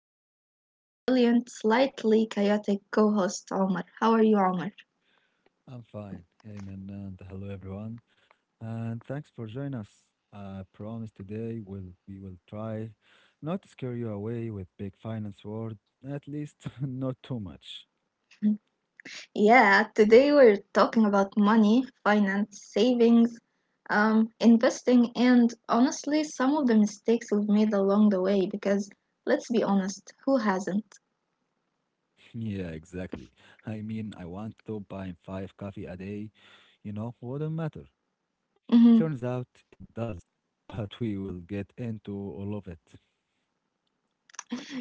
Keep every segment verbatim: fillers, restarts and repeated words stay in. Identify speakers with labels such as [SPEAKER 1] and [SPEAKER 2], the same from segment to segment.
[SPEAKER 1] me is my brilliant, slightly chaotic co host, Omar. How are you, Omar?
[SPEAKER 2] I'm fine, Ayman, and hello everyone, and thanks for joining us. I promise today we'll, we will try not to scare you away with big finance word, at least not too much.
[SPEAKER 1] Yeah, today we're talking about money, finance, savings, um, investing, and honestly, some of the mistakes we've made along the way because let's be honest, who hasn't?
[SPEAKER 2] Yeah, exactly. I mean, I want to buy five coffee a day. You know, wouldn't matter. Turns out it does, but we will get into all of it.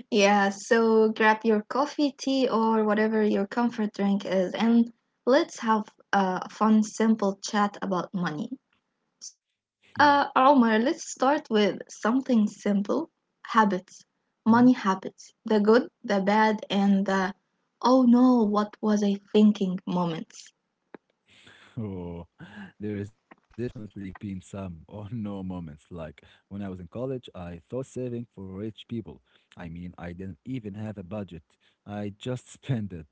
[SPEAKER 1] Yeah, so grab your coffee, tea, or whatever your comfort drink is, and let's have a fun, simple chat about money. So,
[SPEAKER 2] Yeah.
[SPEAKER 1] uh, Omar, let's start with something simple habits, money habits, the good, the bad, and the oh no, what was I thinking moments.
[SPEAKER 2] Oh, there has definitely been some or no moments. Like when I was in college, I thought saving for rich people. I mean, I didn't even have a budget. I just spent it.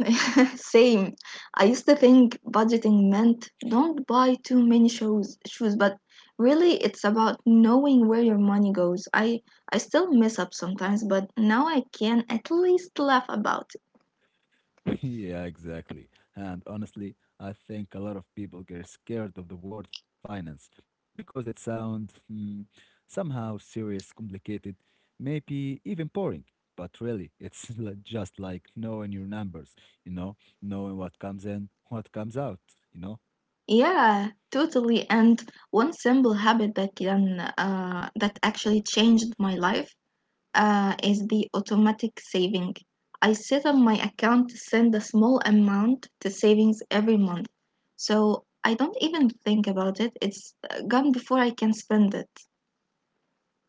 [SPEAKER 1] Same. I used to think budgeting meant don't buy too many shoes, shoes, but really it's about knowing where your money goes. I I still mess up sometimes, but now I can at least laugh about it.
[SPEAKER 2] Yeah, exactly. And honestly, I think a lot of people get scared of the word finance because it sounds hmm, somehow serious, complicated, maybe even boring. But really, it's li- just like knowing your numbers, you know, knowing what comes in, what comes out, you know.
[SPEAKER 1] Yeah, totally. And one simple habit that can uh, that actually changed my life uh, is the automatic saving. I set up my account to send a small amount to savings every month, so I don't even think about it. It's uh, gone before I can spend it.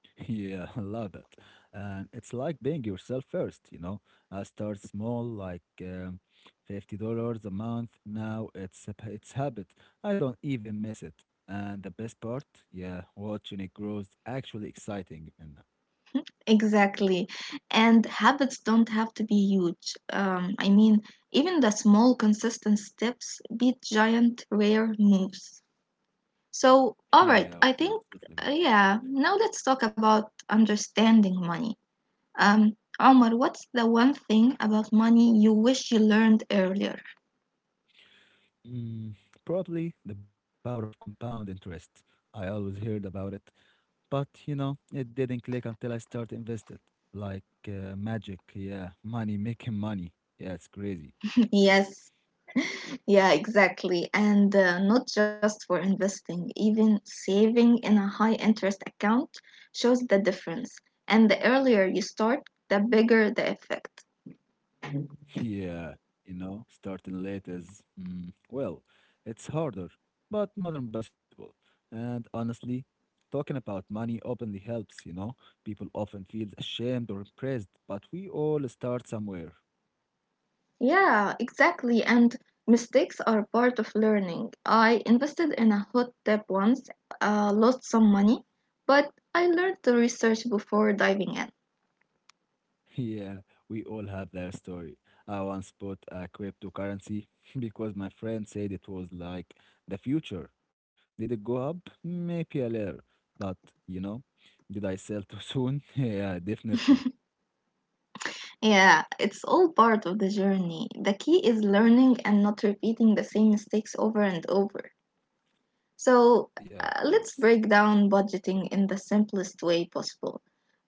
[SPEAKER 2] Yeah, I love that. And it's like being yourself first, you know. I start small, like um, fifty dollars a month. Now it's a, p- it's habit. I don't even miss it. And the best part, yeah, watching it grows actually exciting. And
[SPEAKER 1] Exactly. And habits don't have to be huge. Um, I mean, even the small, consistent steps beat giant, rare moves. So,
[SPEAKER 2] yeah,
[SPEAKER 1] all
[SPEAKER 2] of
[SPEAKER 1] right,
[SPEAKER 2] course,
[SPEAKER 1] I
[SPEAKER 2] totally
[SPEAKER 1] think,
[SPEAKER 2] agree.
[SPEAKER 1] uh, yeah, now let's talk about understanding money. Um, Omar, what's the one thing about money you wish you learned earlier?
[SPEAKER 2] Mm, probably the power of compound interest. I always heard about it, but you know, it didn't click until I started invested. Like uh, magic, yeah, money making money. Yeah, it's crazy.
[SPEAKER 1] Yes, yeah, exactly. And uh, not just for investing, even saving in a high interest account shows the difference. And the earlier you start, the bigger the effect.
[SPEAKER 2] Yeah, you know, starting late is, mm, well, it's harder, but not impossible. And honestly, talking about money openly helps, you know. People often feel ashamed or impressed, but we all start somewhere.
[SPEAKER 1] Yeah, exactly. And mistakes are part of learning. I invested in a hot tip once, uh, lost some money, but I learned to research before diving in.
[SPEAKER 2] Yeah, we all have their story. I once bought a cryptocurrency because my friend said it was like the future. Did it go up? Maybe a little, but you know, did I sell too soon? Yeah, definitely.
[SPEAKER 1] Yeah, it's all part of the journey. The key is learning and not repeating the same mistakes over and over.
[SPEAKER 2] Yeah,
[SPEAKER 1] So,
[SPEAKER 2] of
[SPEAKER 1] uh,
[SPEAKER 2] course.
[SPEAKER 1] let's break down budgeting in the simplest way possible.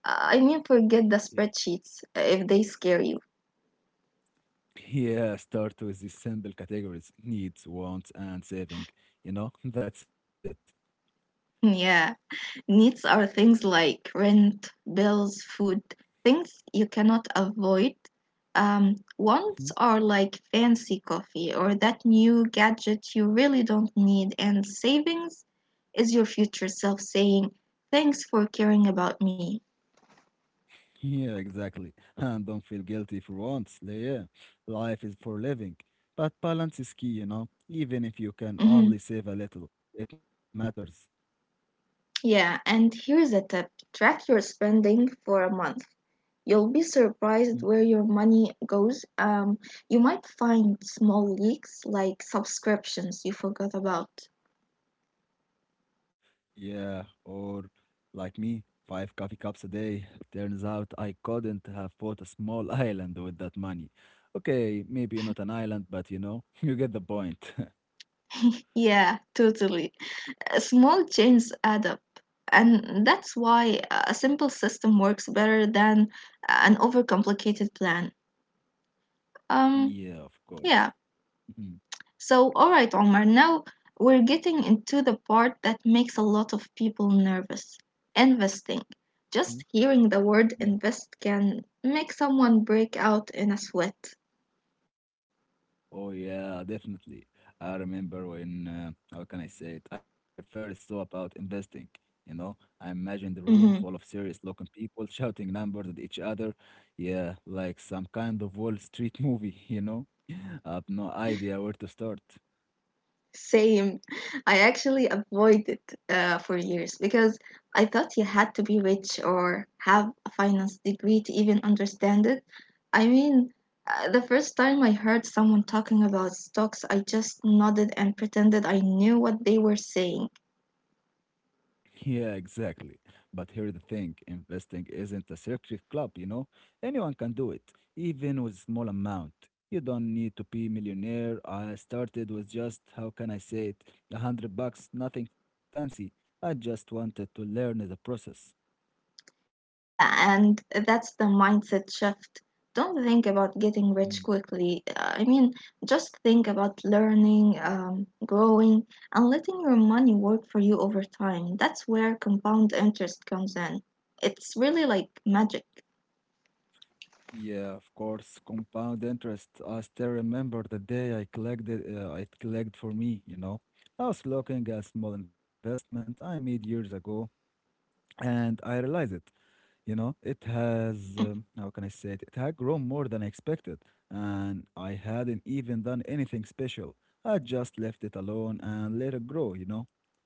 [SPEAKER 1] Uh, I mean, forget the
[SPEAKER 2] Yeah.
[SPEAKER 1] spreadsheets uh, if they scare you.
[SPEAKER 2] Yeah, start with the simple categories needs, wants, and saving. You know, that's it.
[SPEAKER 1] Yeah. Needs are things like rent, bills, food, things you cannot avoid. Um, wants
[SPEAKER 2] Mhm.
[SPEAKER 1] are like fancy coffee or that new gadget you really don't need, and savings is your future self saying, thanks for caring about me.
[SPEAKER 2] Yeah, exactly. And don't feel guilty for once. Yeah, life is for living. But balance is key, you know. Even if you can
[SPEAKER 1] Mhm.
[SPEAKER 2] only save a little, it matters.
[SPEAKER 1] Yeah, and here's a tip track your spending for a month. You'll be
[SPEAKER 2] Mm-hmm.
[SPEAKER 1] surprised where your money goes. Um, you might find small leaks like subscriptions you forgot about.
[SPEAKER 2] Yeah, or like me, five coffee cups a day. Turns out I couldn't have bought a small island with that money. Okay, maybe not an island, but you know, you get the point.
[SPEAKER 1] Yeah, totally. Uh, Small changes add up. And that's why a simple system works better than an overcomplicated plan. Um,
[SPEAKER 2] Yeah, of course.
[SPEAKER 1] yeah.
[SPEAKER 2] Mhm.
[SPEAKER 1] So, all right, Omar, now we're getting into the part that makes a lot of people nervous investing.
[SPEAKER 2] Mhm.
[SPEAKER 1] Just hearing the word
[SPEAKER 2] Yeah.
[SPEAKER 1] invest can make someone break out in a sweat.
[SPEAKER 2] Oh yeah, definitely. I remember when, uh, how can I say it? I first saw about investing. You know, I imagined the room full of
[SPEAKER 1] Mm-hmm.
[SPEAKER 2] serious-looking people shouting numbers at each other. Yeah, like some kind of Wall Street movie, you know? I have no idea where to start.
[SPEAKER 1] Same. I actually avoided uh, for years because I thought you had to be rich or have a finance degree to even understand it. I mean, uh, the first time I heard someone talking about stocks, I just nodded and pretended I knew what they were saying.
[SPEAKER 2] Yeah, exactly. But here's the thing, investing isn't a secret club, you know? Anyone can do it, even with small amount. You don't need to be millionaire. I started with just, how can I say it, a hundred bucks, nothing fancy. I just wanted to learn the process.
[SPEAKER 1] Yeah, and that's the mindset shift. Don't think about getting
[SPEAKER 2] Mm,
[SPEAKER 1] rich quickly. Uh, I mean, just think about learning, um, growing, and letting your money work for you over time. That's where compound interest comes in. It's really like magic.
[SPEAKER 2] Yeah, of course, compound interest. I still remember the day I collected, uh, it collected for me, you know? I was looking at small investment I made years ago, and I realized it. You know, it has, um, how can I say it? It had grown more than I expected, and I hadn't even done anything special. I just left it alone and let it grow, you know?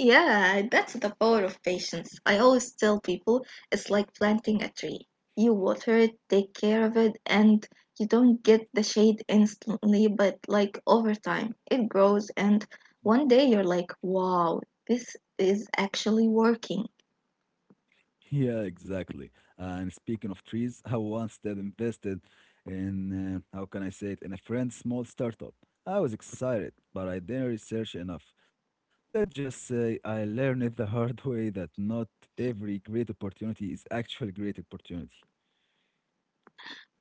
[SPEAKER 1] Yeah, that's the power of patience. I always tell people it's like planting a tree. You water it, take care of it, and you don't get the shade instantly, but like over time, it grows, and one day you're like, wow, this is actually working.
[SPEAKER 2] Yeah, exactly. And speaking of trees, I once did invested in, uh, how can I say it, in a friend's small startup. I was excited, but I didn't research enough. Let's just say I learned it the hard way that not every great opportunity is actually great opportunity.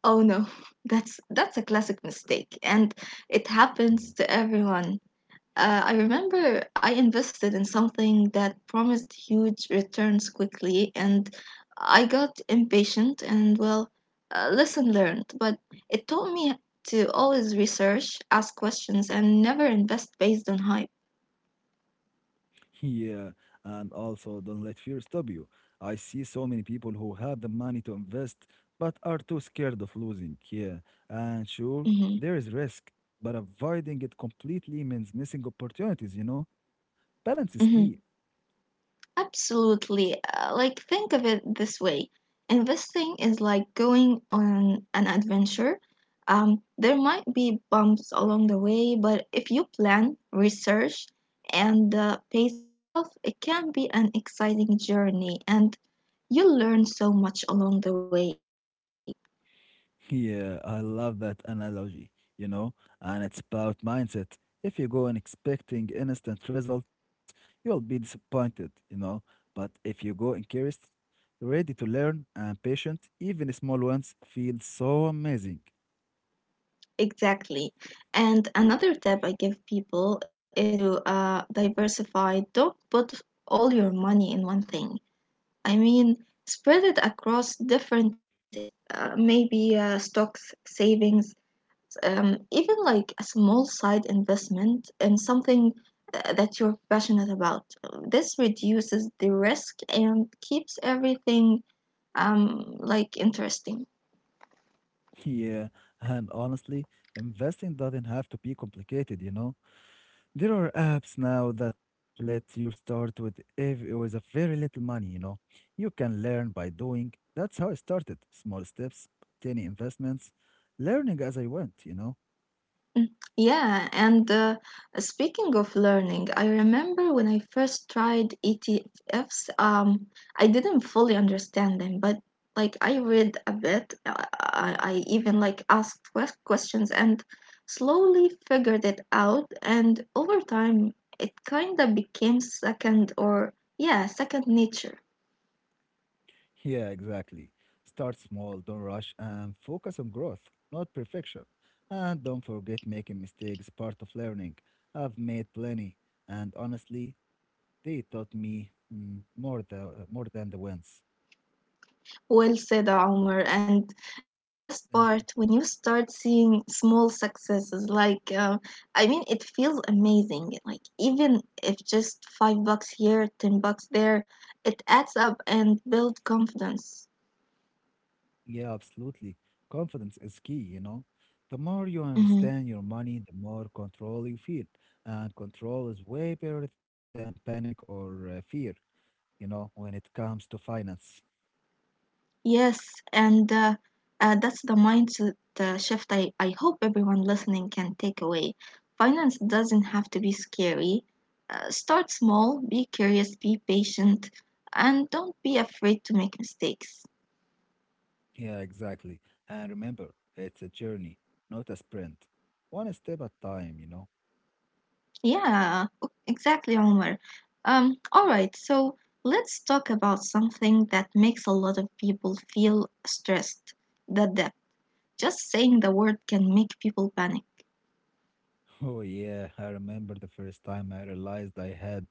[SPEAKER 1] Oh no, that's that's a classic mistake, and it happens to everyone. Uh, I remember I invested in something that promised huge returns quickly, and I got impatient and, well, uh, lesson learned. But it taught me to always research, ask questions, and never invest based on hype.
[SPEAKER 2] Yeah, and also don't let fear stop you. I see so many people who have the money to invest but are too scared of losing. Yeah, and sure,
[SPEAKER 1] hmm
[SPEAKER 2] there is risk, but avoiding it completely means missing opportunities, you know? Balance is key.
[SPEAKER 1] hmm Absolutely. Uh, like, think of it this way investing is like going on an adventure. Um, there might be bumps along the way, but if you plan, research, and uh, pace yourself, it can be an exciting journey and you'll learn so much along the way.
[SPEAKER 2] Yeah, I love that analogy, you know, and it's about mindset. If you go in expecting instant results, you'll be disappointed, you know. But if you go in curious, ready to learn, and patient, even small ones feel so amazing.
[SPEAKER 1] Exactly. And another tip I give people is to uh, diversify. Don't put all your money in one thing I mean, spread it across different areas, uh, maybe uh, stocks, savings, um, even like a small side investment in something uh, that you're passionate about. This reduces the risk and keeps everything um, like interesting.
[SPEAKER 2] Yeah, and honestly, investing doesn't have to be complicated, you know. There are apps now that let you start with ev with a very little money, you know. You can learn by doing. That's how I started. Small steps, tiny investments, learning as I went, you know.
[SPEAKER 1] Mm, Yeah, and uh, speaking of learning, I remember when I first tried E T Fs, um, I didn't fully understand them, but like I read a bit, I, I I even like asked quest- questions and slowly figured it out, and over time it kind of became second or yeah, second nature.
[SPEAKER 2] Yeah, exactly. Start small, don't rush, and focus on growth, not perfection. And don't forget making mistakes, part of learning. I've made plenty, and honestly, they taught me mm, more the more than the wins.
[SPEAKER 1] Well said, Omar. And uh, the best
[SPEAKER 2] Thank you.
[SPEAKER 1] part when you start seeing small successes, like uh, I mean, it feels amazing. Like even if just five bucks here, ten bucks there, it adds up and build confidence.
[SPEAKER 2] Yeah, absolutely. Confidence is key, you know. The more you understand your money, the more control you feel. And control is way better than panic or uh, fear, you know, when it comes to finance.
[SPEAKER 1] Yes, and uh, uh, that's the mindset uh, shift I, I hope everyone listening can take away. Finance doesn't have to be scary. Uh, start small, be curious, be patient, and don't be afraid to make mistakes.
[SPEAKER 2] Yeah, exactly. And remember, it's a journey, not a sprint. One step at a time, you know.
[SPEAKER 1] Yeah, o- exactly, Omar. Um, all right, so let's talk about something that makes a lot of people feel stressed the debt. Just saying the word can make people panic.
[SPEAKER 2] Oh yeah, I remember the first time I realized I had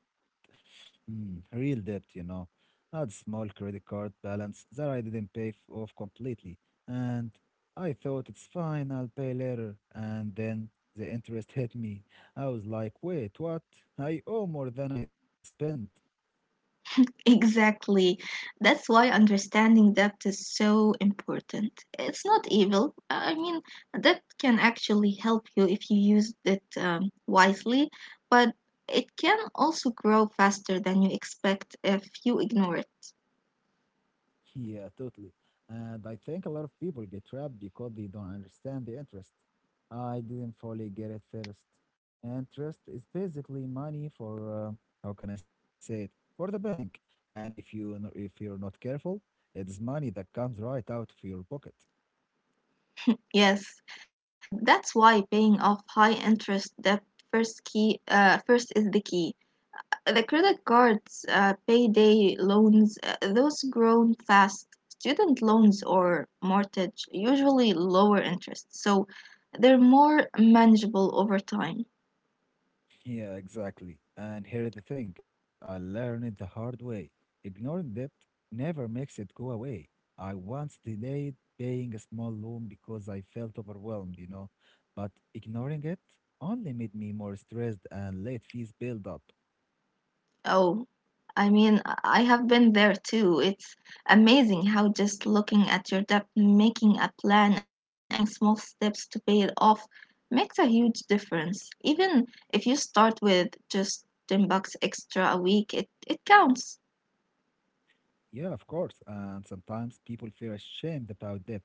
[SPEAKER 2] mm, real debt, you know. I had small credit card balance that I didn't pay f- off completely, and I thought it's fine, I'll pay later, and then the interest hit me. I was like, "Wait, what? I owe more than I spent."
[SPEAKER 1] Exactly. That's why understanding debt is so important. It's not evil. I mean, debt can actually help you if you use it um, wisely, but it can also grow faster than you expect if you ignore it.
[SPEAKER 2] Yeah, totally. And I think a lot of people get trapped because they don't understand the interest. I didn't fully get it first. Interest is basically money for uh, how can I say it? For the bank. And if you n- if you're not careful, it's money that comes right out of your pocket.
[SPEAKER 1] Yes, and that's why paying off high interest debt first key uh, first is the key. The credit cards, uh, payday loans, uh, those grown fast. Student loans or mortgage usually lower interest, so they're more manageable over time.
[SPEAKER 2] Yeah, exactly. And here's the thing I learned it the hard way. Ignoring debt never makes it go away. I once delayed paying a small loan because I felt overwhelmed, you know, but ignoring it only made me more stressed and late fees build up.
[SPEAKER 1] Oh, I mean, I I have been there too. It's amazing how just looking at your debt, making a plan, and taking small steps to pay it off makes a huge difference. Even if you start with just ten bucks extra a week, it, it counts.
[SPEAKER 2] Yeah, of course. And sometimes people feel ashamed about debt,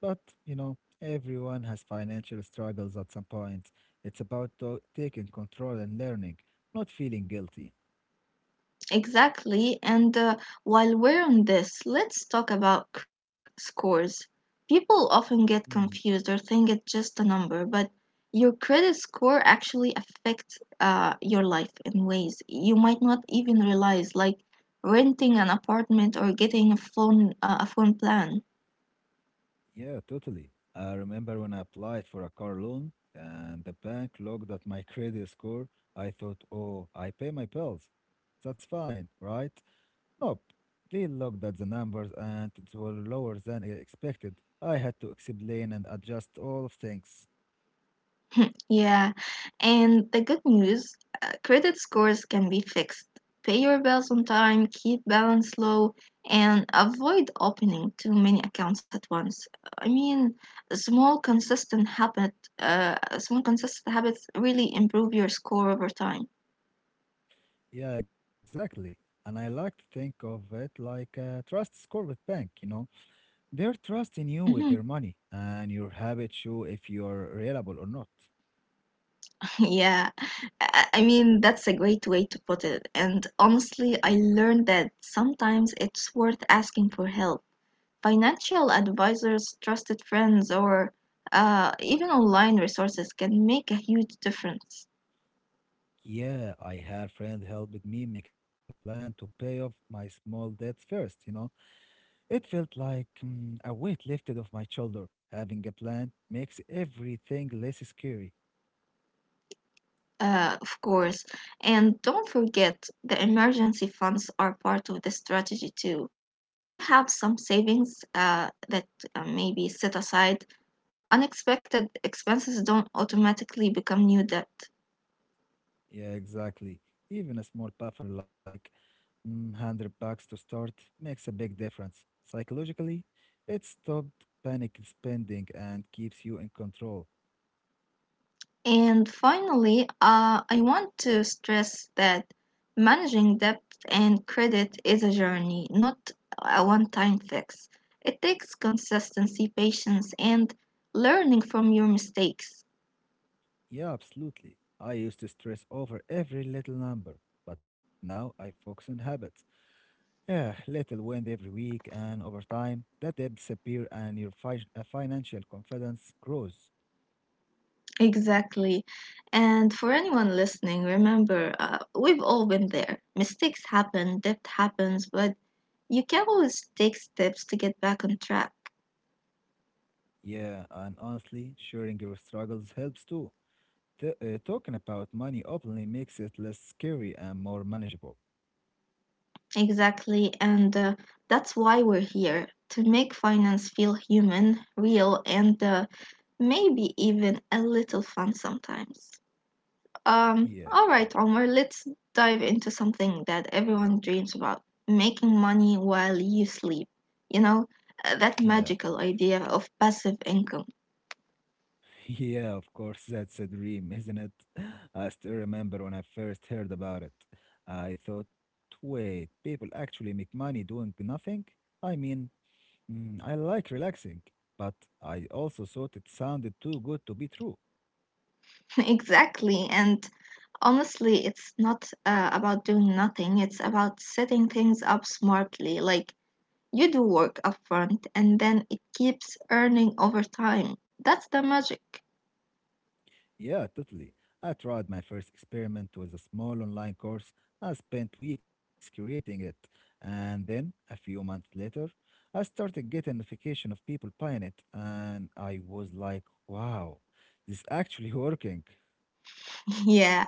[SPEAKER 2] but, you know, everyone has financial struggles at some point. It's about to- taking control and learning, not feeling guilty.
[SPEAKER 1] Exactly. And uh, while we're on this, let's talk about credit scores. People often get
[SPEAKER 2] Hmm.
[SPEAKER 1] confused or think it's just a number, but your credit score actually affects uh, your life in ways you might not even realize, like renting an apartment or getting a phone uh, a phone plan.
[SPEAKER 2] Yeah, totally. I remember when I applied for a car loan and the bank looked at my credit score. I thought, oh, I pay my bills. That's fine, right? Nope. They looked at the numbers and it were lower than I expected. I had to explain and adjust all of things.
[SPEAKER 1] Yeah, and the good news uh, credit scores can be fixed. Pay your bills on time, keep balance low, and avoid opening too many accounts at once. I mean, small consistent habit, uh, small consistent habits really improve your score over time.
[SPEAKER 2] Yeah, exactly. And I like to think of it like a trust score with bank, you know. They're trusting you with their
[SPEAKER 1] Mhm.
[SPEAKER 2] money and your habits show if you're reliable or not.
[SPEAKER 1] Yeah, I I mean, that's a great way to put it. And honestly, I learned that sometimes it's worth asking for help. Financial advisors, trusted friends, or uh, even online resources can make a huge difference,
[SPEAKER 2] Yeah, I had friend helped me make a plan to pay off my small debts first, you know. It felt like mm, a weight lifted off my shoulder. Having a plan makes everything less scary.
[SPEAKER 1] uh, of course. And don't forget, the emergency funds are part of the strategy too. If you have some savings uh, that uh, may be set aside, unexpected expenses don't automatically become new debt.
[SPEAKER 2] Yeah, exactly. Even a small buffer like mm, one hundred bucks to start makes a big difference. Psychologically, it stopped panic spending and keeps you in control.
[SPEAKER 1] And finally, uh, I want to stress that managing debt and credit is a journey, not a one time fix. It takes consistency, patience, and learning from your mistakes.
[SPEAKER 2] Yeah, absolutely. I used to stress over every little number, but now I focus on habits. Yeah, little wind every week and over time, that debts appear and your fi- uh, financial confidence grows.
[SPEAKER 1] Exactly. And for anyone listening, remember, uh, we've all been there. Mistakes happen, debt happens, but you can always take steps to get back on track.
[SPEAKER 2] Yeah, and honestly, sharing your struggles helps too. T- uh, talking about money openly makes it less scary and more manageable.
[SPEAKER 1] Exactly, and uh, that's why we're here to make finance feel human, real, and uh, maybe even a little fun sometimes. Um,
[SPEAKER 2] Yeah,
[SPEAKER 1] all
[SPEAKER 2] of
[SPEAKER 1] right,
[SPEAKER 2] course.
[SPEAKER 1] Omar, let's dive into something that everyone dreams about making money while you sleep. You know, uh, that
[SPEAKER 2] Yeah, of course.
[SPEAKER 1] magical idea of passive income.
[SPEAKER 2] Yeah, of course, that's a dream, isn't it? I still remember when I first heard about it. I thought, wait, people actually make money doing nothing? I mean, Mm, I like relaxing, but I also thought it sounded too good to be true.
[SPEAKER 1] Exactly, and honestly, it's not uh, about doing nothing, it's about setting things up smartly, like you do work up front, and then it keeps earning over time. That's the magic.
[SPEAKER 2] Yeah, totally. I tried my first experiment with a small online course. I spent weeks creating it, and then a few months later, I started getting notification of people buying it, and I was like, "Wow, this is actually working."
[SPEAKER 1] Yeah,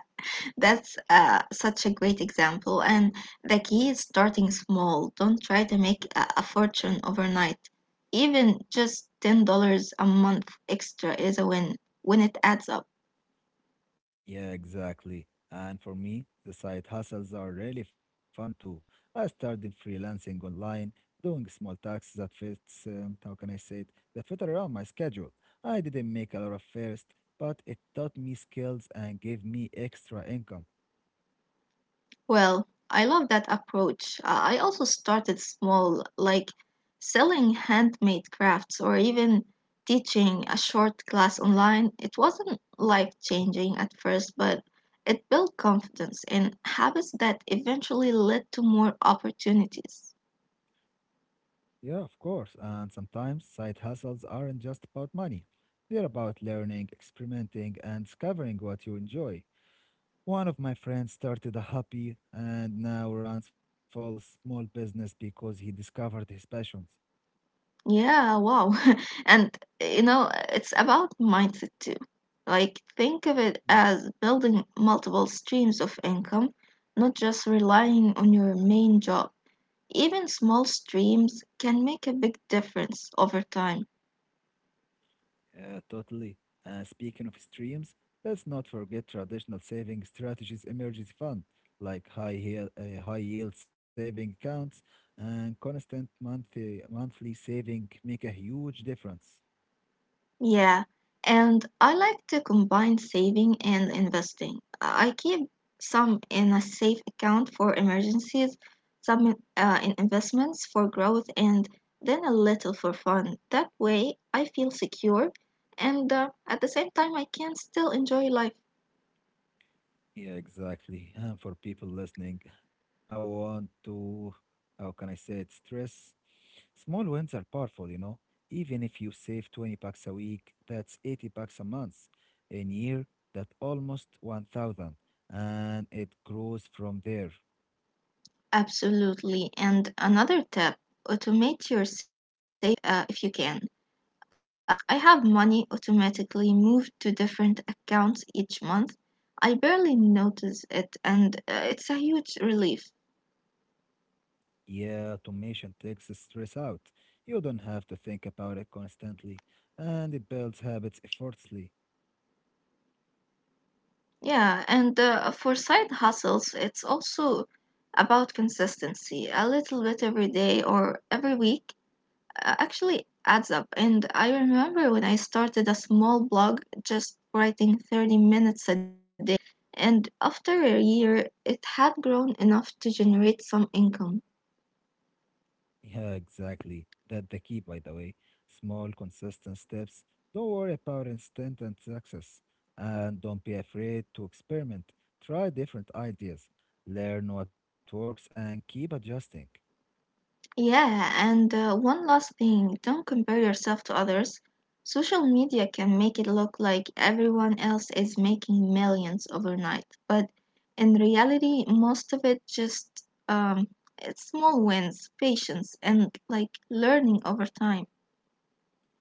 [SPEAKER 1] that's uh, such a great example. And the key is starting small. Don't try to make a, a fortune overnight. Even just ten dollars a month extra is a win when it adds up.
[SPEAKER 2] Yeah, exactly. And for me, the side hustles are really fun too. I started freelancing online, doing small tasks that fits, um, how can I say it, that fit around my schedule. I didn't make a lot of first, but it taught me skills and gave me extra income.
[SPEAKER 1] Well, I love that approach. Uh, I also started small, like selling handmade crafts or even teaching a short class online. It wasn't life changing at first, but it built confidence and habits that eventually led to more opportunities.
[SPEAKER 2] Yeah, of course. And sometimes side hustles aren't just about money. They're about learning, experimenting, and discovering what you enjoy. One of my friends started a hobby and now runs full small business because he discovered his passions.
[SPEAKER 1] Yeah, wow. And you know, it's about mindset too. Like, think of it
[SPEAKER 2] Yeah,
[SPEAKER 1] as building multiple streams of income, not just relying on your main job. Even small streams can make a big difference over time.
[SPEAKER 2] Yeah, totally. Uh, speaking of streams, let's not forget traditional saving strategies emergency fund, like high yield, uh, high yield saving accounts and constant monthly monthly saving make a huge difference.
[SPEAKER 1] Yeah, and I like to combine saving and investing. I keep some in a safe account for emergencies, some uh, in investments for growth, and then a little for fun. That way, I feel secure, and uh, at the same time, I can still enjoy life.
[SPEAKER 2] Yeah, exactly. And for people listening, I want to, how can I say it, stress. Small wins are powerful, you know. Even if you save twenty bucks a week, that's eighty bucks a month. In year, that almost one thousand. And it grows from there.
[SPEAKER 1] Absolutely. And another tip automate your saving uh, if you can. Um, I have money automatically moved to different accounts each month. I barely notice it, and uh, it's a huge relief.
[SPEAKER 2] Yeah, automation takes the stress out. You don't have to think about it constantly. And it builds habits effortlessly.
[SPEAKER 1] Yeah, and uh, for side hustles, it's also about consistency. A little bit every day or every week uh, actually adds up. And I remember when I started a small blog, just writing thirty minutes a day, and after a year, it had grown enough to generate some income.
[SPEAKER 2] Yeah, exactly. That's the key, by the way. Small, consistent steps. Don't worry about instant and success. And don't be afraid to experiment. Try different ideas. Learn what works and keep adjusting.
[SPEAKER 1] Yeah, and uh, one last thing, don't compare yourself to others. Social media can make it look like everyone else is making millions overnight, but in reality, most of it just um, it's small wins, patience, and like learning over time.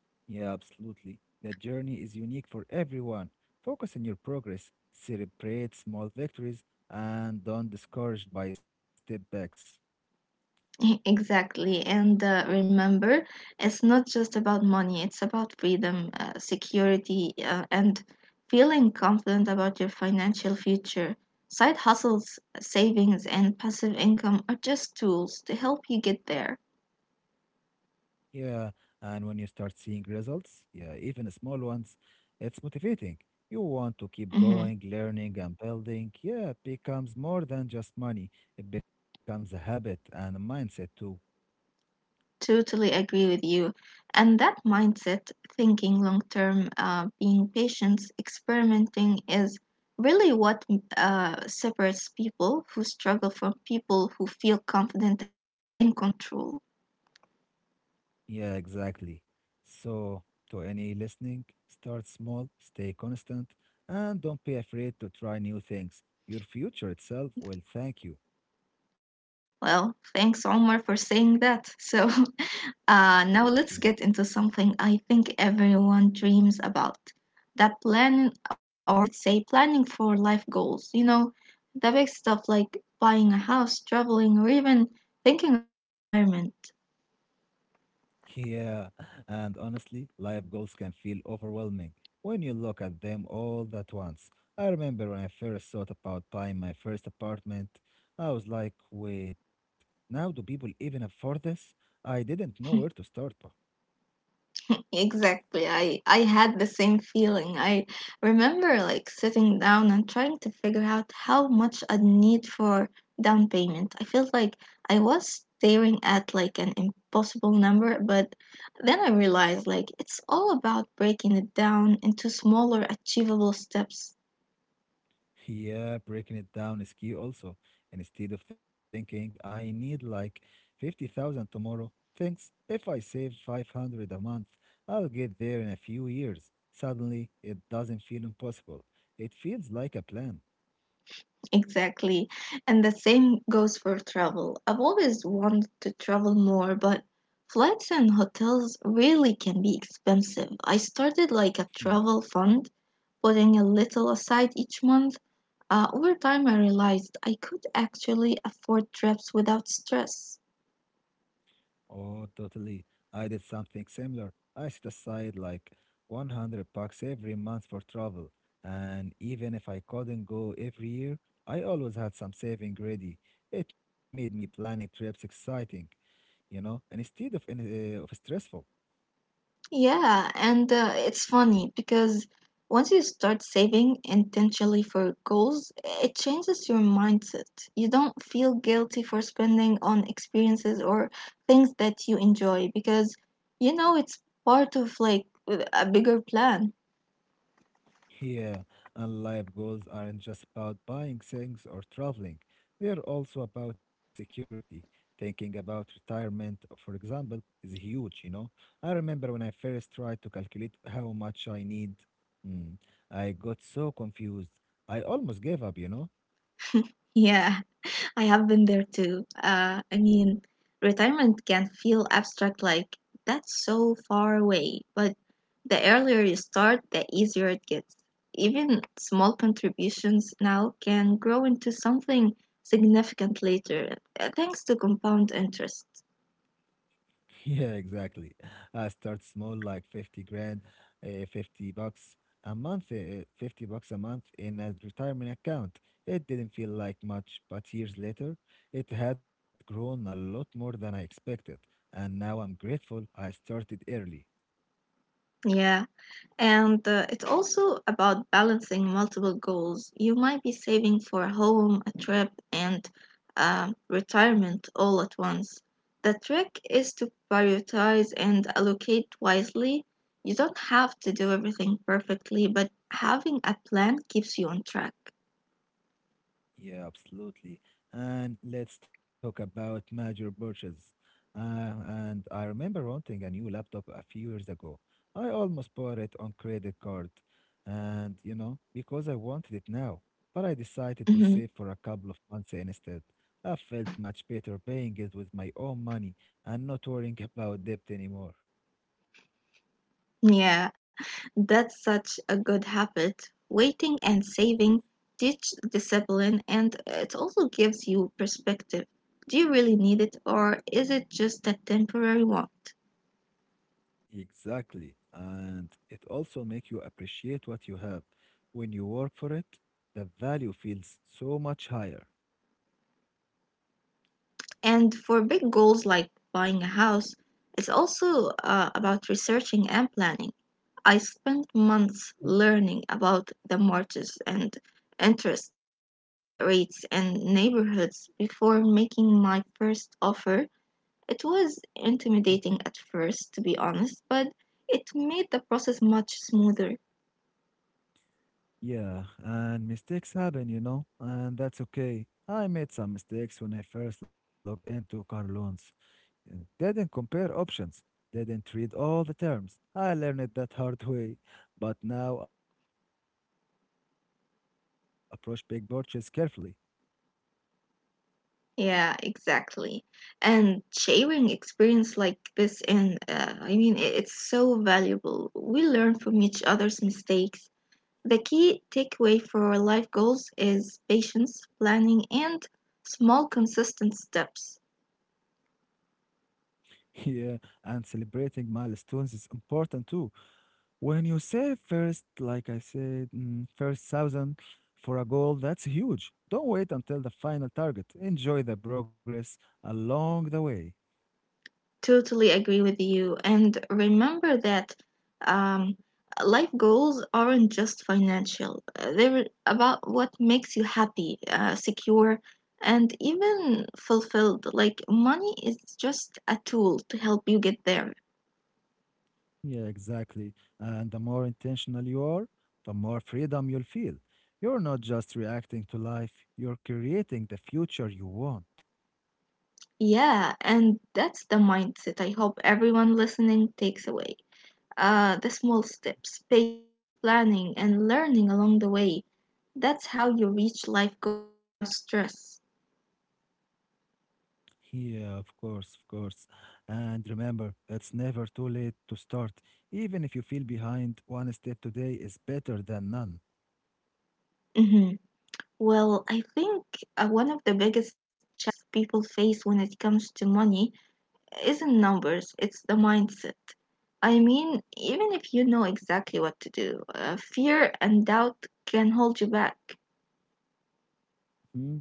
[SPEAKER 2] Yeah, absolutely. The journey is unique for everyone. Focus on your progress, celebrate small victories, and don't discouraged by step backs.
[SPEAKER 1] Exactly. And uh, remember, it's not just about money, it's about freedom, uh, security, uh, and feeling confident about your financial future. Side hustles, savings, and passive income are just tools to help you get there.
[SPEAKER 2] Yeah, and when you start seeing results, yeah, even small ones, it's motivating. You want to keep
[SPEAKER 1] Mhm.
[SPEAKER 2] going, learning and building. Yeah, it becomes more than just money. It becomes a habit and a mindset too.
[SPEAKER 1] Totally agree with you. And that mindset, thinking long term, uh, being patient, experimenting, is really what uh, separates people who struggle from people who feel confident and in control.
[SPEAKER 2] Yeah, exactly. So, to any listening, start small, stay constant, and don't be afraid to try new things. Your future itself will thank you.
[SPEAKER 1] Well, thanks, Omar, for saying that. So, Uh, now
[SPEAKER 2] Okay.
[SPEAKER 1] let's get into something I think everyone dreams about, that planning, or let's say planning for life goals. You know, the big stuff like buying a house, traveling, or even thinking about retirement.
[SPEAKER 2] Yeah, and honestly, life goals can feel overwhelming when you look at them all at once. I remember when I first thought about buying my first apartment, I was like, wait, now do people even afford this? I didn't know where to start.
[SPEAKER 1] Exactly. I I had the same feeling. I remember like sitting down and trying to figure out how much I'd need for down payment. I felt like I was staring at like an impossible number, but then I realized like it's all about breaking it down into smaller achievable steps.
[SPEAKER 2] Yeah, breaking it down is key also. Instead of thinking, I need like fifty thousand tomorrow, thinks if I save five hundred a month, I'll get there in a few years. Suddenly, it doesn't feel impossible. It feels like a plan.
[SPEAKER 1] Exactly. And the same goes for travel. I've always wanted to travel more, but flights and hotels really can be expensive. I started like a
[SPEAKER 2] Yeah.
[SPEAKER 1] travel fund, putting a little aside each month. Uh, over time, I realized I could actually afford trips without stress.
[SPEAKER 2] Oh, totally. I did something similar. I set aside like one hundred bucks every month for travel. And even if I couldn't go every year, I always had some saving ready. It made me planning trips exciting. You know, instead of in, uh, of stressful.
[SPEAKER 1] Yeah, and uh, it's funny because once you start saving intentionally for goals, it changes your mindset. You don't feel guilty for spending on experiences or things that you enjoy because you know it's part of like a bigger plan.
[SPEAKER 2] Yeah, and life goals aren't just about buying things or traveling. They're also about security. Thinking about retirement, for example, is huge, you know. I remember when I first tried to calculate how much I need. Mm, I got so confused. I almost gave up, you know.
[SPEAKER 1] Yeah. I have been there too. Uh, I mean, retirement can feel abstract, like that's so far away, but the earlier you start, the easier it gets. Even small contributions now can grow into something significant later, uh, thanks to compound interest.
[SPEAKER 2] Yeah, exactly. I start small, like fifty grand, uh, fifty bucks a month, uh, fifty bucks a month in a retirement account. It didn't feel like much, but years later, it had grown a lot more than I expected. And now I'm grateful I started early.
[SPEAKER 1] Yeah, and uh, it's also about balancing multiple goals. You might be saving for a home, a trip, and uh, retirement all at once. The trick is to prioritize and allocate wisely. You don't have to do everything perfectly, but having a plan keeps you on track.
[SPEAKER 2] Yeah, absolutely. And let's talk about major purchases. Uh, and I remember wanting a new laptop a few years ago. I almost bought it on credit card, and you know, because I wanted it now. But I decided to
[SPEAKER 1] Mhm.
[SPEAKER 2] save for a couple of months instead. I felt much better paying it with my own money and not worrying about debt anymore.
[SPEAKER 1] Yeah, that's such a good habit. Waiting and saving teach discipline and it also gives you perspective. Do you really need it, or is it just a temporary want?
[SPEAKER 2] Exactly. And it also make you appreciate what you have. When you work for it, the value feels so much higher.
[SPEAKER 1] And for big goals like buying a house, it's also uh, about researching and planning. I spent
[SPEAKER 2] Mhm.
[SPEAKER 1] months learning about the mortgages and interest uh, rates and neighborhoods before making my first offer. It was intimidating at first, to be honest, but it made the process much smoother.
[SPEAKER 2] Yeah, and mistakes happen, you know, and that's okay. I made some mistakes when I first looked into car loans. Uh, Didn't compare options, didn't read all the terms. I learned it that hard way, but now I know how to approach big purchase carefully.
[SPEAKER 1] Yeah, exactly. And sharing experience like this, and uh, I mean, i- it's so valuable. We learn from each other's mistakes. The key takeaway for our life goals is patience, planning, and small, consistent steps.
[SPEAKER 2] Yeah, and celebrating milestones is important too. When you say first, like I said, mm, first thousand for a goal, that's huge. Don't wait until the final target. Enjoy the progress along the way.
[SPEAKER 1] Totally agree with you. And remember that um, life goals aren't just financial. Uh, they're about what makes you happy, uh, secure, and even fulfilled. Like, money is just a tool to help you get there.
[SPEAKER 2] Yeah, exactly. And the more intentional you are, the more freedom you'll feel. You're not just reacting to life, you're creating the future you want.
[SPEAKER 1] Yeah, and that's the mindset I hope everyone listening takes away. Uh, the small steps, patience, planning, and learning along the way. That's how you reach life goals without stress.
[SPEAKER 2] Yeah, of course, of course. And remember, it's never too late to start. Even if you feel behind, one step today is better than none.
[SPEAKER 1] Mhm. Well, I think uh, one of the biggest challenges people face when it comes to money isn't numbers, it's the mindset. I mean, even if you know exactly what to do, uh, fear and doubt can hold you back.
[SPEAKER 2] Hmm?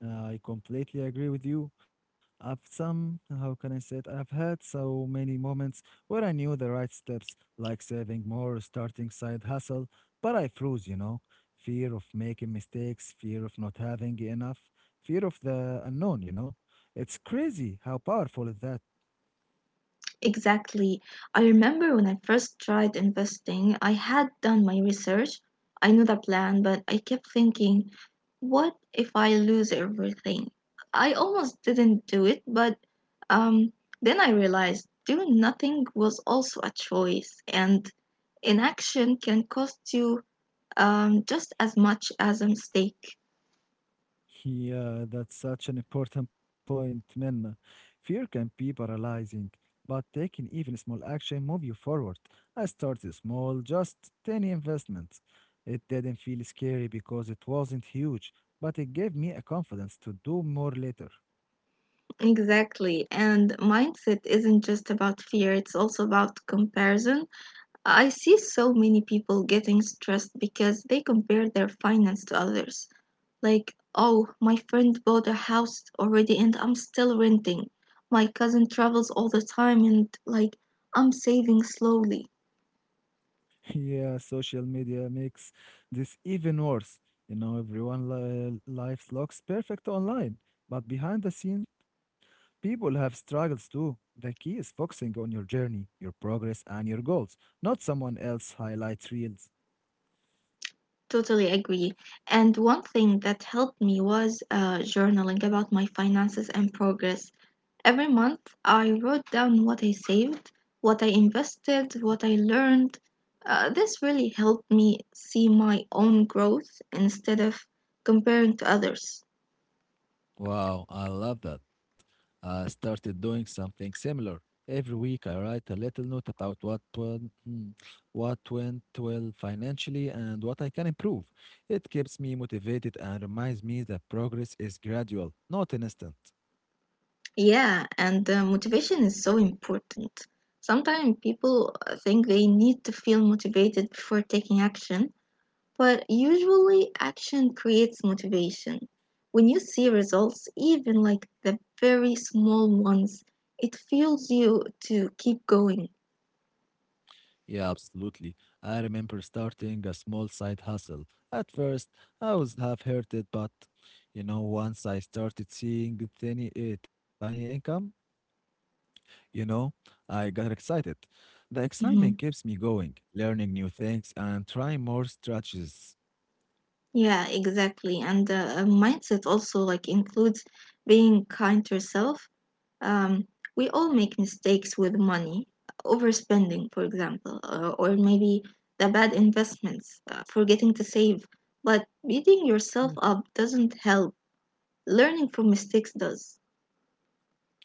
[SPEAKER 2] I completely agree with you. I've some, how can I say it? I've had so many moments where I knew the right steps, like saving more, starting side hustle, but I froze, you know. Fear of making mistakes, fear of not having enough, fear of the unknown, you know. It's crazy how powerful is that.
[SPEAKER 1] Exactly. I remember when I first tried investing, I had done my research. I knew the plan, but I kept thinking, what if I lose everything? I almost didn't do it, but um, then I realized doing nothing was also a choice, and inaction can cost you um, just as much as a mistake.
[SPEAKER 2] Yeah, that's such an important point, Minna. Fear can be paralyzing, but taking even small action move you forward. I started small, just tiny investments. It didn't feel scary because it wasn't huge, but it gave me a confidence to do more later.
[SPEAKER 1] Exactly. And mindset isn't just about fear, it's also about comparison. I see so many people getting stressed because they compare their finance to others. Like, oh, my friend bought a house already and I'm still renting. My cousin travels all the time and, like, I'm saving slowly.
[SPEAKER 2] Yeah, social media makes this even worse. You know, everyone li life looks perfect online, but behind the scenes, people have struggles too. The key is focusing on your journey, your progress, and your goals, not someone else's highlight reels.
[SPEAKER 1] Totally agree. And one thing that helped me was uh, journaling about my finances and progress. Every month, I wrote down what I saved, what I invested, what I learned. Uh, this really helped me see my own growth instead of comparing to others.
[SPEAKER 2] Wow, I love that. I started doing something similar. Every week I write a little note about what went, mm, what went well financially and what I can improve. It keeps me motivated and reminds me that progress is gradual, not instant.
[SPEAKER 1] Yeah, and uh, motivation is so important. Sometimes people uh, think they need to feel motivated before taking action, but usually action creates motivation. When you see results, even like the very small ones, it fuels you to keep going.
[SPEAKER 2] Yeah, absolutely. I remember starting a small side hustle. At first, I was half hearted, but you know, once I started seeing the tiny, uh, tiny income, you know, I got excited. The excitement
[SPEAKER 1] Mhm.
[SPEAKER 2] keeps me going, learning new things and trying more strategies.
[SPEAKER 1] Yeah, exactly. And uh, mindset also like includes being kind to yourself. Um, we all make mistakes with money, overspending, for example, uh, or maybe the bad investments, uh, forgetting to save. But beating yourself up doesn't help. Learning from mistakes does.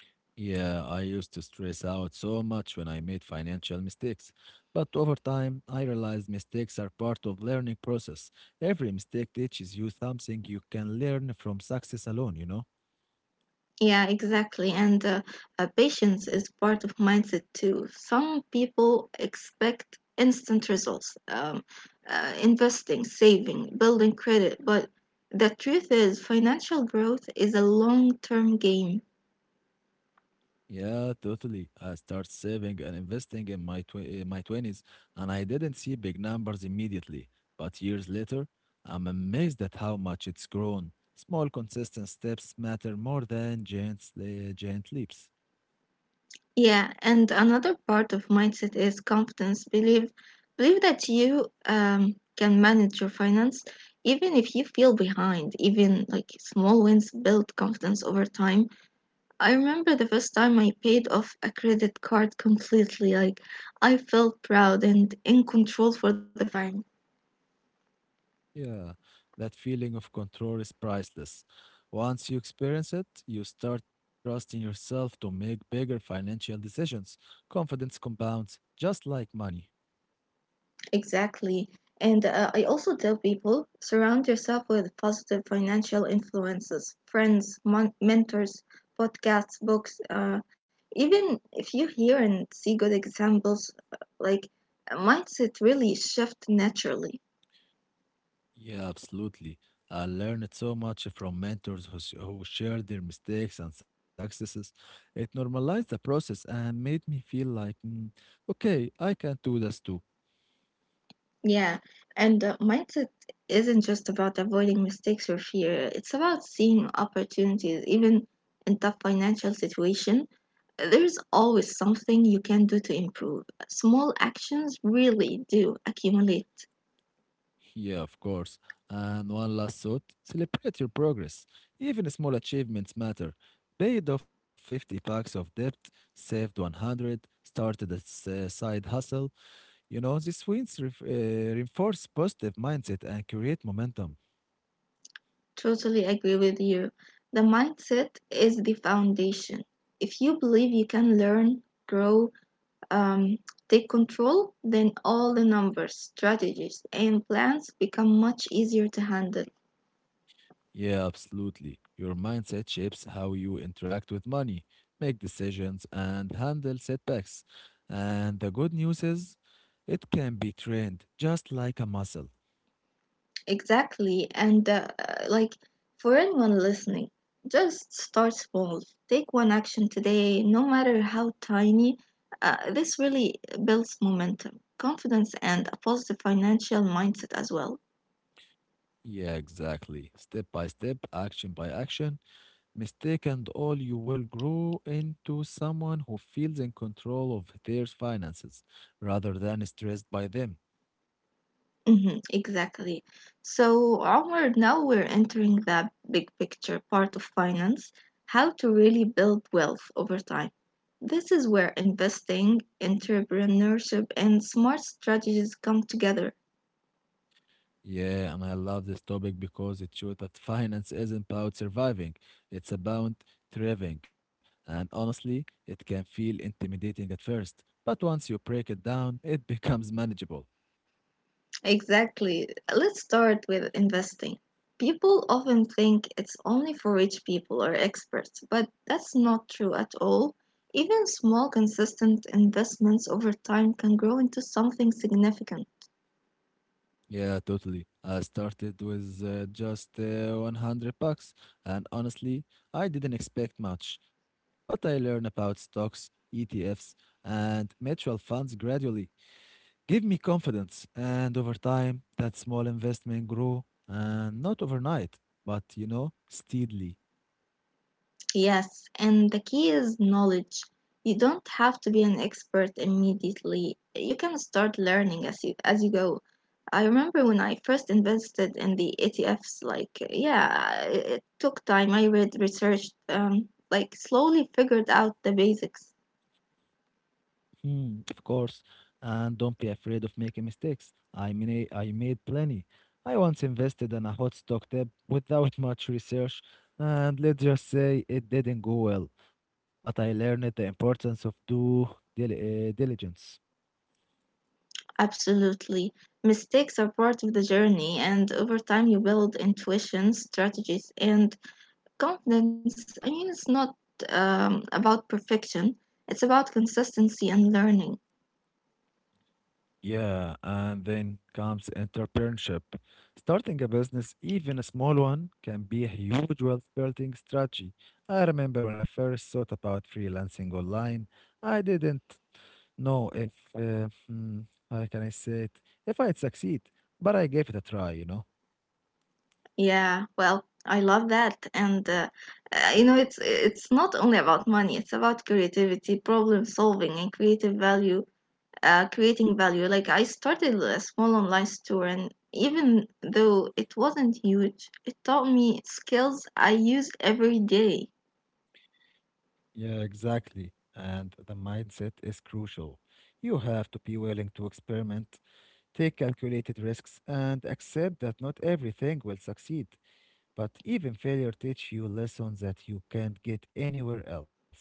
[SPEAKER 2] Yeah, I used to stress out so much when I made financial mistakes. But over time, I realized mistakes are part of learning process. Every mistake teaches you something you can learn from success alone, you know?
[SPEAKER 1] Yeah, exactly. And uh, uh, patience is part of mindset too. Some people expect instant results, um, uh, investing, saving, building credit. But the truth is, financial growth is a long term game.
[SPEAKER 2] Yeah, totally. I start saving and investing in my tw- uh, my twenties, and I didn't see big numbers immediately. But years later, I'm amazed at how much it's grown. Small, consistent steps matter more than giant, sle- giant leaps.
[SPEAKER 1] Yeah, and another part of mindset is confidence. Believe, believe that you um, can manage your finance, even if you feel behind. Even like small wins build confidence over time. I remember the first time I paid off a credit card completely. Like, I felt proud and in control for the first time.
[SPEAKER 2] Yeah, that feeling of control is priceless. Once you experience it, you start trusting yourself to make bigger financial decisions. Confidence compounds just like money.
[SPEAKER 1] Exactly. And uh, I also tell people surround yourself with positive financial influences, friends, mon- mentors, podcasts, books. Uh, even if you hear and see good examples, uh, like, mindset really shift naturally.
[SPEAKER 2] Yeah, absolutely. I learned so much from mentors who, s- who shared their mistakes and successes. It normalized the process and made me feel like, "Mm, okay, I can do this too."
[SPEAKER 1] Yeah, and the mindset isn't just about avoiding mistakes or fear. It's about seeing opportunities, even in tough financial situation. There's always something you can do to improve. Small actions really do accumulate.
[SPEAKER 2] Yeah, of course. And one last thought celebrate your progress. Even small achievements matter. Paid off fifty bucks of debt, saved one hundred, started a s- uh, side hustle. You know, these wins ref- uh, reinforce positive mindset and create momentum.
[SPEAKER 1] Totally agree with you. The mindset is the foundation. If you believe you can learn, grow, um, take control, then all the numbers, strategies, and plans become much easier to handle.
[SPEAKER 2] Yeah, absolutely. Your mindset shapes how you interact with money, make decisions, and handle setbacks. And the good news is, it can be trained just like a muscle.
[SPEAKER 1] Exactly. And uh, like for anyone listening, just start small. Take one action today, no matter how tiny. Uh, this really builds momentum, confidence, and a positive financial mindset as well.
[SPEAKER 2] Yeah, exactly. Step by step, action by action, mistake and all, you will grow into someone who feels in control of their finances rather than stressed by them.
[SPEAKER 1] Hmm, exactly. So, Omar, now we're entering the big picture part of finance, how to really build wealth over time. This is where investing, entrepreneurship, and smart strategies come together.
[SPEAKER 2] Yeah, and I love this topic because it shows that finance isn't about surviving, it's about thriving. And honestly, it can feel intimidating at first, but once you break it down, it becomes manageable.
[SPEAKER 1] Exactly. Let's start with investing. People often think it's only for rich people or experts, but that's not true at all. Even small, consistent investments over time can grow into something significant.
[SPEAKER 2] Yeah, totally. I started with uh, just uh, one hundred bucks, and honestly, I didn't expect much, but I learned about stocks, E T Fs, and mutual funds gradually. Give me confidence, and over time, that small investment grew, and not overnight, but you know, steadily.
[SPEAKER 1] Yes, and the key is knowledge. You don't have to be an expert immediately. You can start learning as you as you go. I remember when I first invested in the E T Fs, like yeah, it, it took time. I read research, um, like slowly figured out the basics.
[SPEAKER 2] Hmm, of course, and don't be afraid of making mistakes. I mean, I made plenty. I once invested in a hot stock tip without much research, and let's just say it didn't go well. But I learned the importance of due dil- uh, diligence.
[SPEAKER 1] Absolutely. Mistakes are part of the journey, and over time you build intuition, strategies, and confidence. uh, I mean, it's not um, about perfection, it's about consistency and learning.
[SPEAKER 2] Yeah, and then comes entrepreneurship. Starting a business, even a small one, can be a huge wealth building strategy. I remember when I first thought about freelancing online, I didn't know if, uh, hmm, how can I say it, if I'd succeed, but I gave it a try, you know?
[SPEAKER 1] Yeah, well, I love that. And, uh, uh, you know, it's, it's not only about money, it's about creativity, problem solving, and creative value, uh, creating value. Like, I started a small online store, and even though it wasn't huge, it taught me skills I use every day.
[SPEAKER 2] Yeah, exactly. And the mindset is crucial. You have to be willing to experiment, take calculated risks, and accept that not everything will succeed. But even failure teach you lessons that you can't get anywhere else.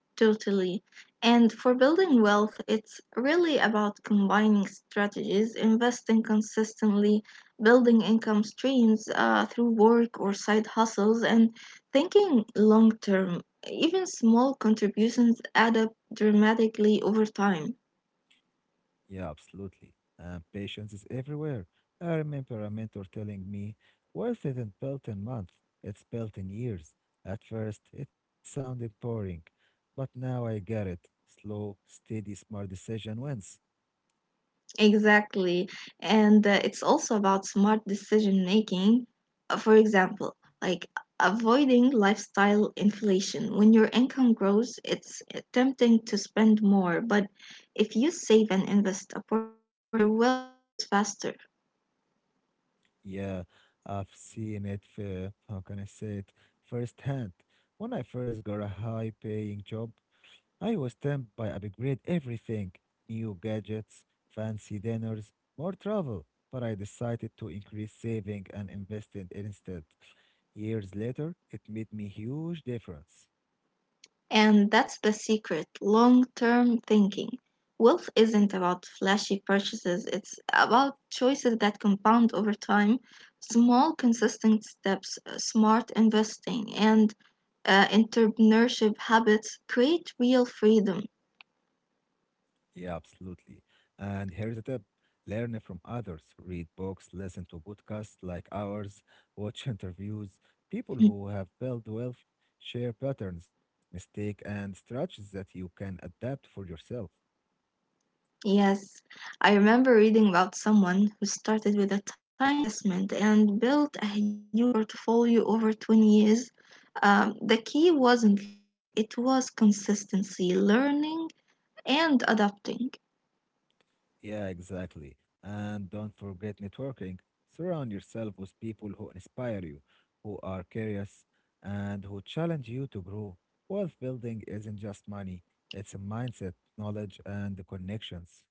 [SPEAKER 1] Totally. And for building wealth, it's really about combining strategies, investing consistently, building income streams uh, through work or side hustles, and thinking long term. Even small contributions add up dramatically over time.
[SPEAKER 2] Yeah, absolutely. And patience is everywhere. I remember a mentor telling me, wealth isn't built in months, it's built in years. At first, it sounded boring, but now I get it. Slow, steady, smart decision wins.
[SPEAKER 1] Exactly. And uh, it's also about smart decision making. Uh, For example, like avoiding lifestyle inflation. When your income grows, it's tempting to spend more, but if you save and invest a portion, your wealth grows faster.
[SPEAKER 2] Yeah, I've seen it, uh, how can I say it, firsthand. When I first got a high paying job, I was tempted by upgrade everything, new gadgets, fancy dinners, more travel, but I decided to increase saving and invest in it instead. Years later, it made me huge difference.
[SPEAKER 1] And that's the secret, long term thinking. Wealth isn't about flashy purchases, it's about choices that compound over time, small, consistent steps, uh, smart investing, and uh, entrepreneurship habits create real freedom.
[SPEAKER 2] Yeah, absolutely. And here's a tip. Learn from others, read books, listen to podcasts like ours, watch interviews. People who have built wealth share patterns, mistakes, and strategies that you can adapt for yourself.
[SPEAKER 1] Yes, I remember reading about someone who started with a tiny investment and built a huge portfolio over twenty years. Um, the key wasn't luck, it was consistency, learning, and adapting.
[SPEAKER 2] Yeah, exactly. And don't forget networking. Surround yourself with people who inspire you, who are curious, and who challenge you to grow. Wealth building isn't just money, it's a mindset, knowledge, and the connections.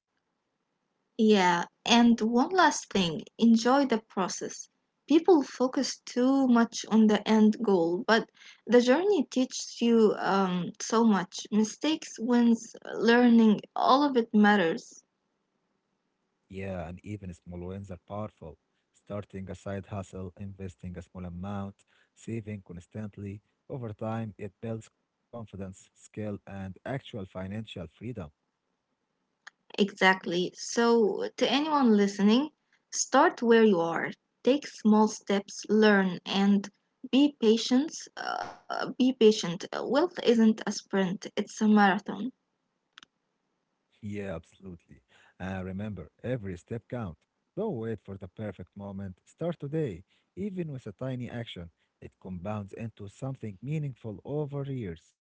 [SPEAKER 1] Yeah, and one last thing, enjoy the process. People focus too much on the end goal, but the journey teaches you um, so much. Mistakes, wins, learning, all of it matters.
[SPEAKER 2] Yeah, and even small wins are powerful. Starting a side hustle, investing a small amount, saving constantly. Over time, it builds confidence, skill, and actual financial freedom.
[SPEAKER 1] Exactly. So, to anyone listening, start where you are. Take small steps, learn, and be patient. Uh, be patient. Uh, Wealth isn't a sprint, it's a marathon.
[SPEAKER 2] Yeah, absolutely. Uh, remember, every step counts. Don't wait for the perfect moment. Start today, even with a tiny action. It compounds into something meaningful over years.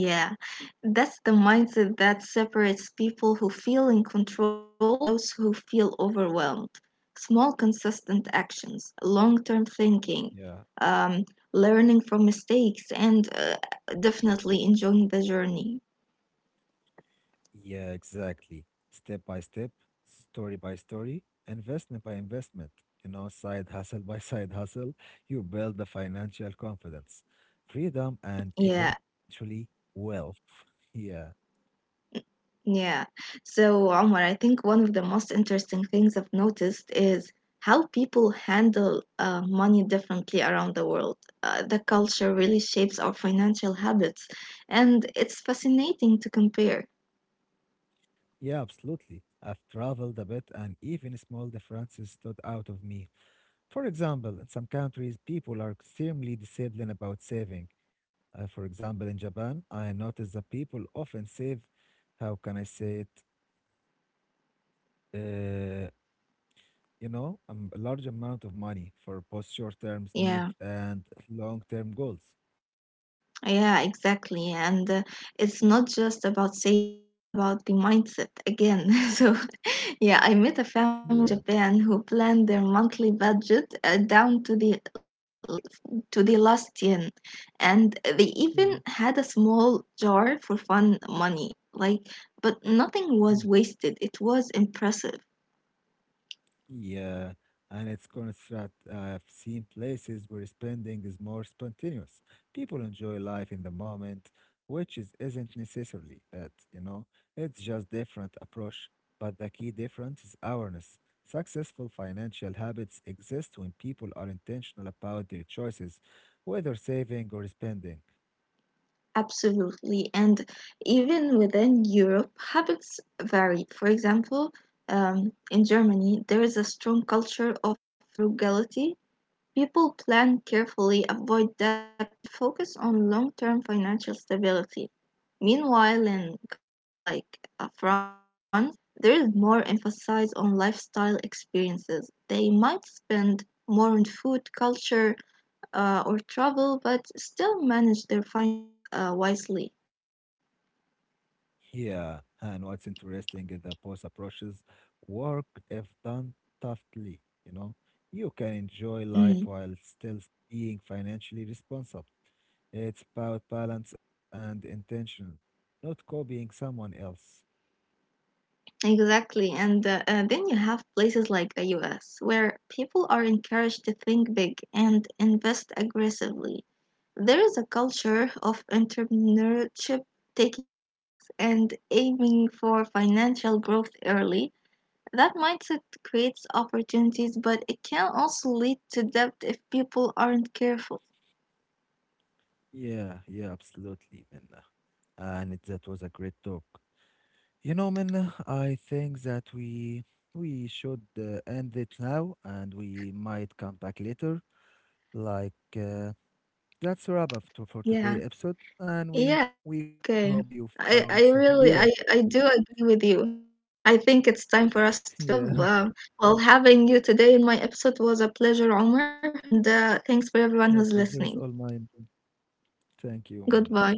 [SPEAKER 1] Yeah, that's the mindset that separates people who feel in control from those who feel overwhelmed. Small, consistent actions, long term thinking,
[SPEAKER 2] Yeah,
[SPEAKER 1] um, learning from mistakes, and uh, definitely enjoying the journey.
[SPEAKER 2] yeah, exactly. Step by step, story by story, investment by investment. You know, side hustle by side hustle, you build the financial confidence, freedom, and
[SPEAKER 1] Yeah,
[SPEAKER 2] eventually wealth. Yeah.
[SPEAKER 1] yeah. So, Omar, I think one of the most interesting things I've noticed is how people handle uh, money differently around the world. Uh, the culture really shapes our financial habits, and it's fascinating to compare.
[SPEAKER 2] Yeah, absolutely. I've traveled a bit and even small differences stood out of me. For example, in some countries, people are extremely disciplined about saving. Uh, for example, in Japan, I noticed that people often save, how can I say it, uh, you know, um, a large amount of money for both short term need
[SPEAKER 1] Yeah.
[SPEAKER 2] and long term goals.
[SPEAKER 1] Yeah, exactly. And uh, it's not just about saving, it's about the mindset again. So, yeah, I met a family
[SPEAKER 2] Yeah.
[SPEAKER 1] in Japan who planned their monthly budget uh, down to the like to the last yen. And they
[SPEAKER 2] Yeah.
[SPEAKER 1] even had a small jar for fun money. Like, but nothing was wasted. It was impressive.
[SPEAKER 2] Yeah, and it's constant. I've seen places where spending is more spontaneous. People enjoy life in the moment, which is isn't necessarily bad, you know. It's just different approach. But the key difference is awareness. Successful financial habits exist when people are intentional about their choices, whether saving or spending.
[SPEAKER 1] Absolutely. And even within Europe, habits vary. For example, um, in Germany, there is a strong culture of frugality. People plan carefully, avoid debt, and focus on long term financial stability. Meanwhile, in countries like uh, France, there is more emphasis on lifestyle experiences. They might spend more on food, culture, uh, or travel, but still manage their finance uh, wisely.
[SPEAKER 2] Yeah, and what's interesting is that both approaches work if done thoughtfully, you know. You can enjoy life
[SPEAKER 1] Mm,
[SPEAKER 2] while still being financially responsible. It's about balance and intention, not copying someone else.
[SPEAKER 1] exactly. And uh, uh, then you have places like the U S where people are encouraged to think big and invest aggressively. There is a culture of entrepreneurship, taking risks, and aiming for financial growth early. That mindset creates opportunities, but it can also lead to debt if people aren't careful.
[SPEAKER 2] Yeah, yeah, absolutely, Minna. And it- that was a great talk. You know, Minna, I think that we we should uh, end it now, and we might come back later, like uh, that's a wrap up to, for today
[SPEAKER 1] Yeah.
[SPEAKER 2] episode, and we we
[SPEAKER 1] Yeah,
[SPEAKER 2] hope you
[SPEAKER 1] okay.
[SPEAKER 2] found. s-
[SPEAKER 1] I, I
[SPEAKER 2] Yeah,
[SPEAKER 1] really I, I do agree with you. I think it's time for us to wrap
[SPEAKER 2] yeah,
[SPEAKER 1] up. Uh, well, having you today in my episode was a pleasure, Omar, and uh, thanks for
[SPEAKER 2] yeah.
[SPEAKER 1] everyone who's
[SPEAKER 2] Pleasure is all
[SPEAKER 1] listening.
[SPEAKER 2] mine. Thank you, Minna.
[SPEAKER 1] Goodbye.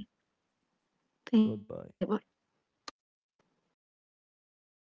[SPEAKER 1] Thank you.
[SPEAKER 2] Goodbye.
[SPEAKER 1] Bye bye.